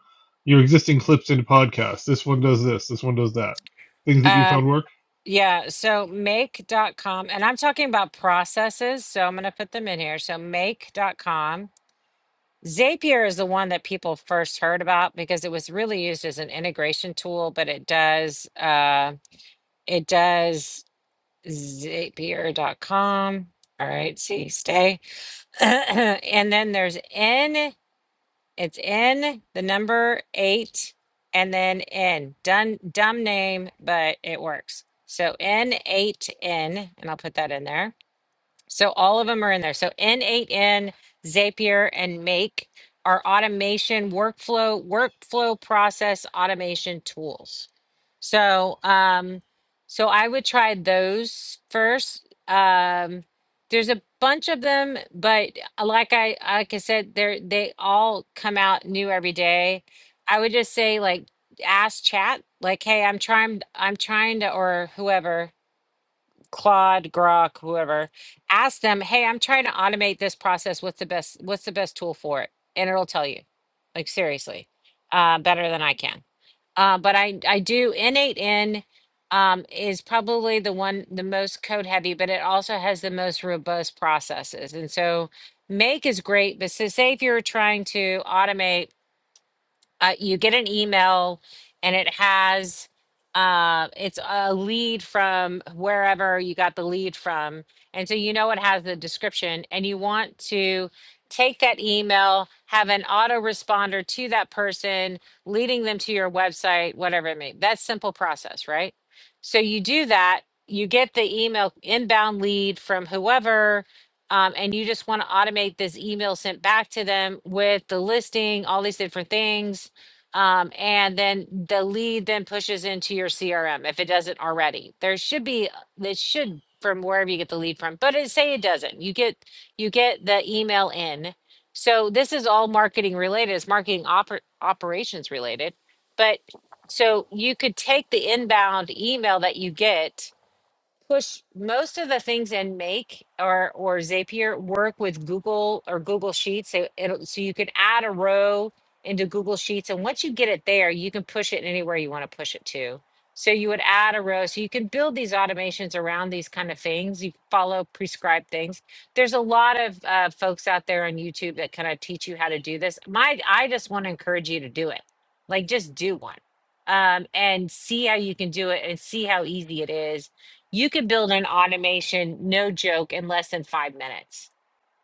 your existing clips into podcasts. This one does this. This one does that. Things that you
um,
found work.
Yeah, so make dot com, and I'm talking about processes, so I'm going to put them in here. So make dot com, Zapier is the one that people first heard about because it was really used as an integration tool, but it does uh it does Zapier dot com. All right, see, stay. And then there's it's N, the number eight, and then N. Dun, dumb name, but it works. So N8N, and I'll put that in there. So all of them are in there. So N8N, Zapier, and Make are automation workflow, workflow process automation tools. So um, so I would try those first. Um, there's a bunch of them, but uh, like I like I said, they're they all come out new every day. I would just say like ask chat, like, hey, I'm trying I'm trying to or whoever Claude, Grok, whoever, ask them, "Hey, I'm trying to automate this process. What's the best? What's the best tool for it?" And it'll tell you, like seriously, uh, better than I can. Uh, but I I do innate in um, is probably the one the most code heavy, but it also has the most robust processes. And so Make is great, but so say if you're trying to automate uh, you get an email and it has uh, it's a lead from wherever you got the lead from and so you know it has the description and you want to take that email have an autoresponder to that person leading them to your website whatever it may be. that's simple process right so you do that you get the email inbound lead from whoever um, and you just want to automate this email sent back to them with the listing all these different things um, and then the lead then pushes into your CRM if it doesn't already. There should be uh, this should from wherever you get the lead from, but it, say it doesn't. You get you get the email in. So this is all marketing related. It's marketing oper- operations related. But so you could take the inbound email that you get push most of the things in Make or or Zapier work with Google or Google Sheets. So it'll, so you can add a row into Google Sheets, and once you get it there, you can push it anywhere you want to push it to. So you would add a row. So you can build these automations around these kind of things. You follow prescribed things. There's a lot of uh, folks out there on YouTube that kind of teach you how to do this. My I just want to encourage you to do it. Like just do one um, and see how you can do it and see how easy it is you could build an automation, no joke, in less than five minutes.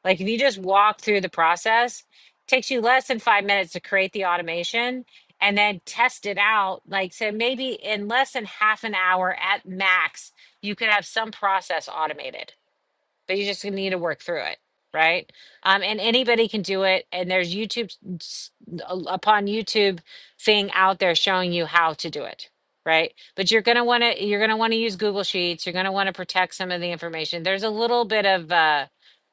Like if you just walk through the process, takes you less than five minutes to create the automation and then test it out. Like so maybe in less than half an hour at max, you could have some process automated but you just need to work through it right um and anybody can do it and there's youtube s- a- upon youtube thing out there showing you how to do it right but you're going to want to you're going to want to use google sheets you're going to want to protect some of the information there's a little bit of uh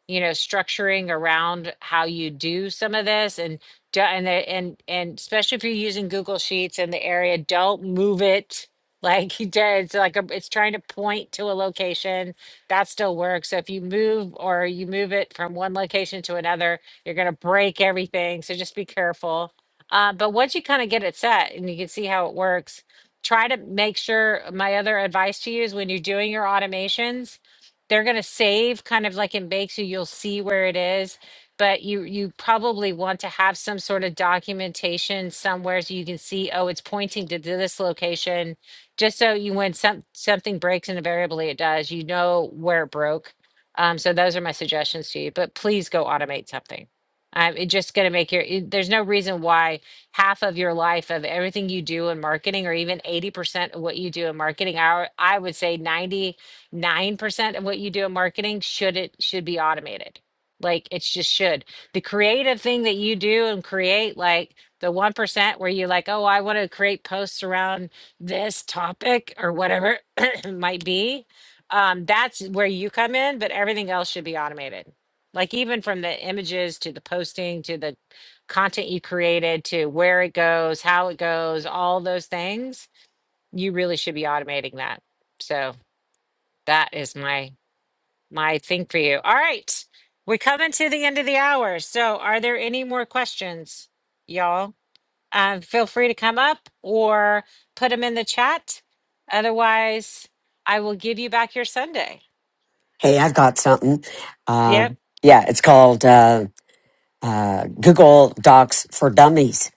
you know structuring around how you do some of this and do- and the, and and especially if you're using google sheets in the area don't move it like he did it's like a, it's trying to point to a location that still works. So if you move or you move it from one location to another, you're going to break everything. So just be careful. Uh, but once you kind of get it set and you can see how it works, try to make sure my other advice to you is when you're doing your automations, they're going to save kind of like in Bakesu, you'll see where it is. But you you probably want to have some sort of documentation somewhere so you can see, oh, it's pointing to this location just so you when some something breaks and invariably it does, you know where it broke. Um, so those are my suggestions to you. But please go automate something. Um, it's just going to make your. it- there's no reason why half of your life of everything you do in marketing, or even eighty percent of what you do in marketing, I I would say ninety nine percent of what you do in marketing should it should be automated. Like it's just should the creative thing that you do and create like the one percent where you like oh I want to create posts around this topic or whatever it might be, um, that's where you come in, but everything else should be automated. Like even from the images to the posting to the content you created to where it goes, how it goes, all those things, you really should be automating that. So that is my my thing for you. All right. We're coming to the end of the hour. So are there any more questions, y'all? uh, feel free to come up or put them in the chat. Otherwise, I will give you back your Sunday.
Hey, I've got something.
Yep.
Um yeah, it's called. uh, uh, Google Docs for Dummies.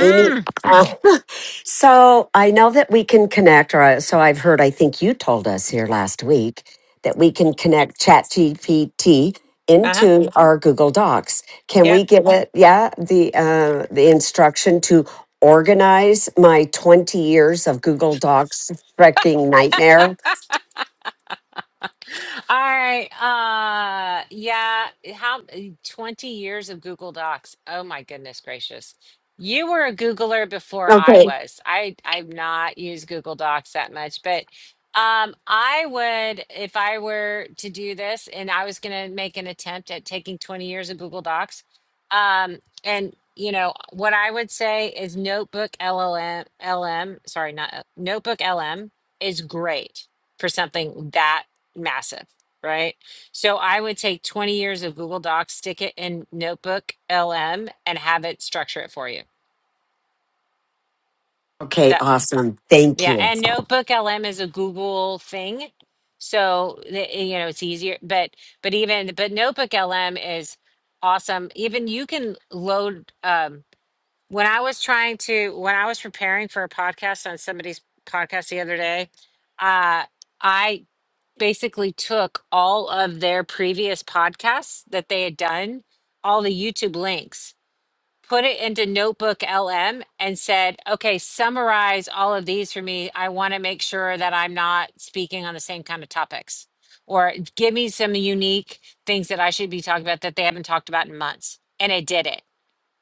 Amy, uh, so I know that we can connect, or I- so I've heard, I think you told us here last week that we can connect ChatGPT
Uh huh.
into our Google Docs. Can
Yep.
we give it, yeah, the, uh, the instruction to organize my 20 years of Google Docs freaking nightmare?
All right. Uh yeah, how 20 years of Google Docs. Oh my goodness gracious. You were a Googler before I
Okay.
was. I I've not used Google Docs that much, but um I would if I were to do this and I was going to make an attempt at taking 20 years of Google Docs. Um and you know, what I would say is Notebook LLM LM, sorry, not uh, Notebook LM is great for something that massive, right? So I would take 20 years of Google Docs, stick it in Notebook LM, and have it structure it for you.
Okay,
That
awesome. Thank
yeah,
you.
and Notebook LM is a Google thing, so the- you know it's easier. But but even but Notebook LM is awesome. Even you can load. Um, when I was trying to when I was preparing for a podcast on somebody's podcast the other day, uh, I basically took all of their previous podcasts that they had done, all the YouTube links, put it into Notebook LM and said, okay, summarize all of these for me. I want to make sure that I'm not speaking on the same kind of topics or give me some unique things that I should be talking about that they haven't talked about in months. And it did it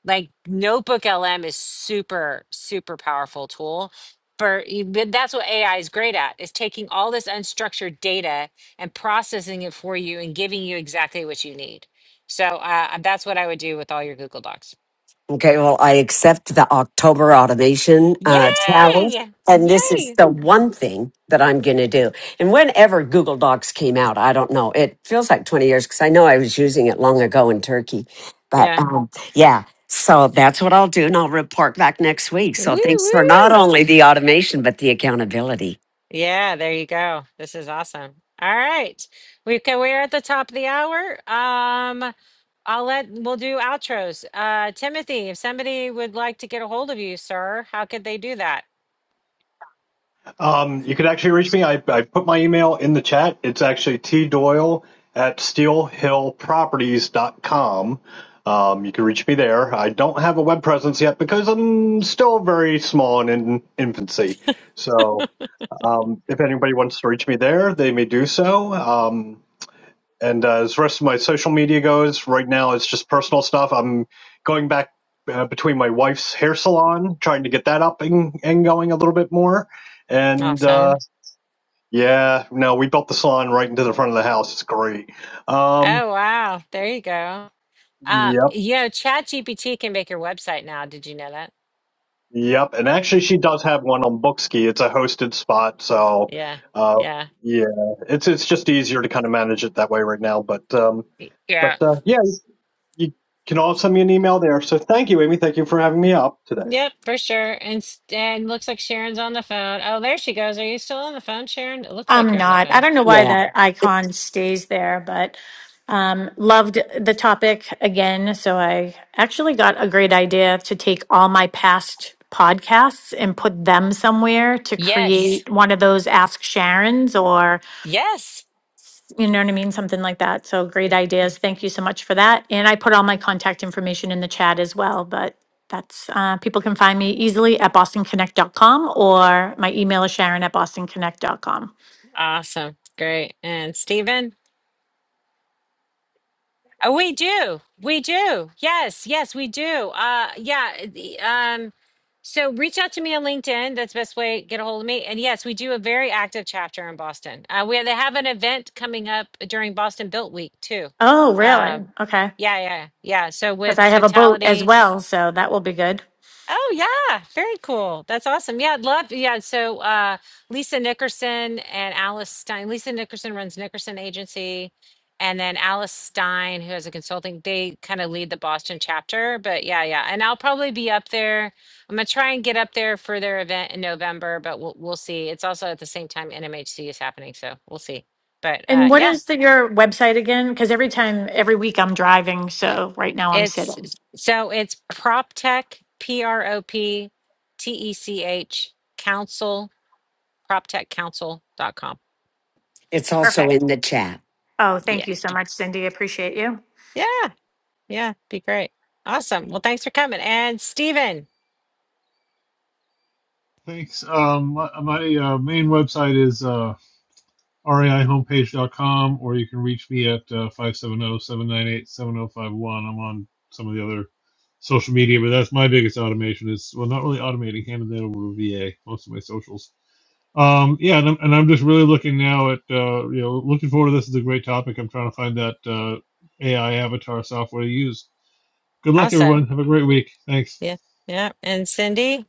like notebook lm is super super powerful tool for e, but that's what ai is great at is taking all this unstructured data and processing it for you and giving you exactly what you need so uh, uh, that's what i would do with all your google docs
Okay, well, I accept the October automation uh, challenge.
yay
And this is
yay
the one thing that I'm going to do. And whenever Google Docs came out, I don't know, it feels like 20 years because I know I was using it long ago in Turkey. But
yeah
um, yeah, so that's what I'll do. And I'll report back next week.
woo
So thanks for not
woo
only the automation, but the accountability.
Yeah, there you go. This is awesome. All right. We can, we're at the top of the hour. Um, I'll let, we'll do outros. Uh, Timothy, if somebody would like to get a hold of you, sir, how could they do that?
Um, you could actually reach me. I, I put my email in the chat. It's actually T Doyle at Steel Hill Properties steelhillproperties.com. Um, you can reach me there. I don't have a web presence yet because I'm still very small and in infancy. So um, if anybody wants to reach me there, they may do so. Um, and uh, as the rest of my social media goes, right now it's just personal stuff. I'm going back uh, between my wife's hair salon, trying to get that up and, and going a little bit more. And uh,
Awesome.
yeah, no, we built the salon right into the front of the house. It's great. Um,
Oh, wow. There you go. Uh,
yep,
you know, Chat GPT can make your website now. Did you know that?
yep. And actually, she does have one on Bookski. It's a hosted spot, so
Yeah.
uh,
Yeah.
yeah, it's it's just easier to kind of manage it that way right now. But um,
Y- Yeah.
but uh, yeah, you can all send me an email there. So thank you, Amy. Thank you for having me up today.
Yep, for sure. And, s- and looks like Sharon's on the phone. Oh, there she goes. Are you still on the phone, Sharon? It looks like
I'm
you're on the
not. I
phone.
don't know why
Yeah.
that icon stays there, but um, loved the topic again. So I actually got a great idea to take all my past podcasts and put them somewhere to
Yes.
create one of those Ask Sharons or,
Yes.
you know what I mean? Something like that. So great ideas. Thank you so much for that. And I put all my contact information in the chat as well, but that's uh, people can find me easily at bostonconnect.com or my email is sharon at bostonconnect.com.
Awesome. Great. And Stephen? Oh, we do. We do. Yes. Yes, we do. Uh yeah. the- Um so reach out to me on LinkedIn. That's the best way to get a hold of me. And yes, we do a very active chapter in Boston. Uh we they have an event coming up during Boston Built Week too.
Oh, really?
Um
Okay.
yeah, yeah, yeah. So
Because
with
I have a boat as
Cotality
well, so that will be good.
Oh yeah, very cool. That's awesome. Yeah, I'd love. Yeah, so uh, Lisa Nickerson and Alice Stein. Lisa Nickerson runs Nickerson Agency, and then Alice Stein, who has a consulting, they kind of lead the Boston chapter. But yeah, yeah, and I'll probably be up there. I'm gonna try and get up there for their event in November, but we'll we'll see. It's also at the same time NMHC is happening, so we'll see. But uh,
And what
yeah,
is the, your website again? Because every time, every week I'm driving, so right now I'm
it's
sitting.
so it's PropTech, P R O P T E C H Council prop tech council dot com.
It's also
Perfect.
in the chat.
Oh,
Yeah.
thank you so much, Cindy. Appreciate you.
Yeah. Yeah. Be great. Awesome. Well, thanks for coming. And Steven,
Thanks. Um, my, my uh, main website is uh, reihomepage.com, or you can reach me at uh, 570 I'm on some of the other social media, but that's my biggest automation is, well, not really automating, handing that over to VA, most of my socials. Um, yeah, and I'm, and I'm just really looking now at, uh, you know, looking forward to this is a great topic. I'm trying to find that uh, AI avatar software to use. Good luck,
also.
everyone. Have a great week. Thanks.
Yeah. Yeah. And Cindy.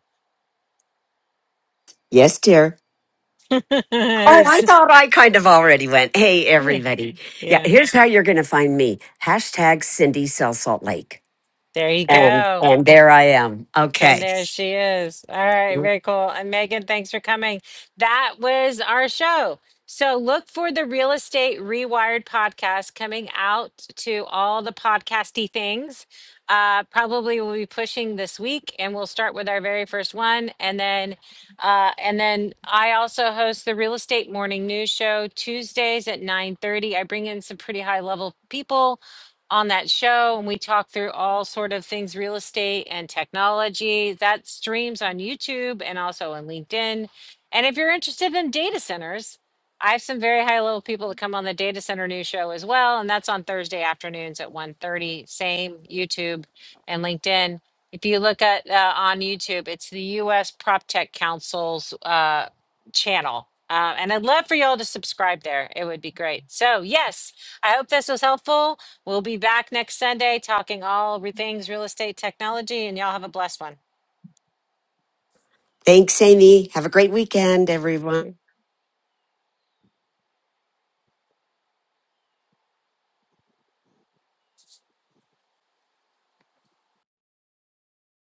Yes, dear. Oh,
He's-
I thought I kind of already went. Hey,
yeah.
everybody. Yeah,
Yeah.
here's how you're going to find me. Hashtag Cindy Sell Salt Lake.
There you
And,
go.
and there I am.
And
Okay.
there she is. All right, very cool. And Megan, thanks for coming. That was our show. So look for the Real Estate Rewired podcast coming out to all the podcasty things. Uh, probably we'll be pushing this week, and we'll start with our very first one, and then, uh, and then I also host the Real Estate Morning News Show Tuesdays at nine thirty. I bring in some pretty high level people on that show and we talk through all sort of things real estate and technology that streams on youtube and also on linkedin and if you're interested in data centers i have some very high level people that come on the data center news show as well and that's on thursday afternoons at one thirty. same youtube and linkedin if you look at uh, on youtube it's the us prop tech council's uh, channel uh, and i'd love for y'all to subscribe there it would be great so yes I hope this was helpful. We'll be back next Sunday talking all re- things real estate technology, and y'all have a blessed one.
Thanks, Amy. Have a great weekend, everyone.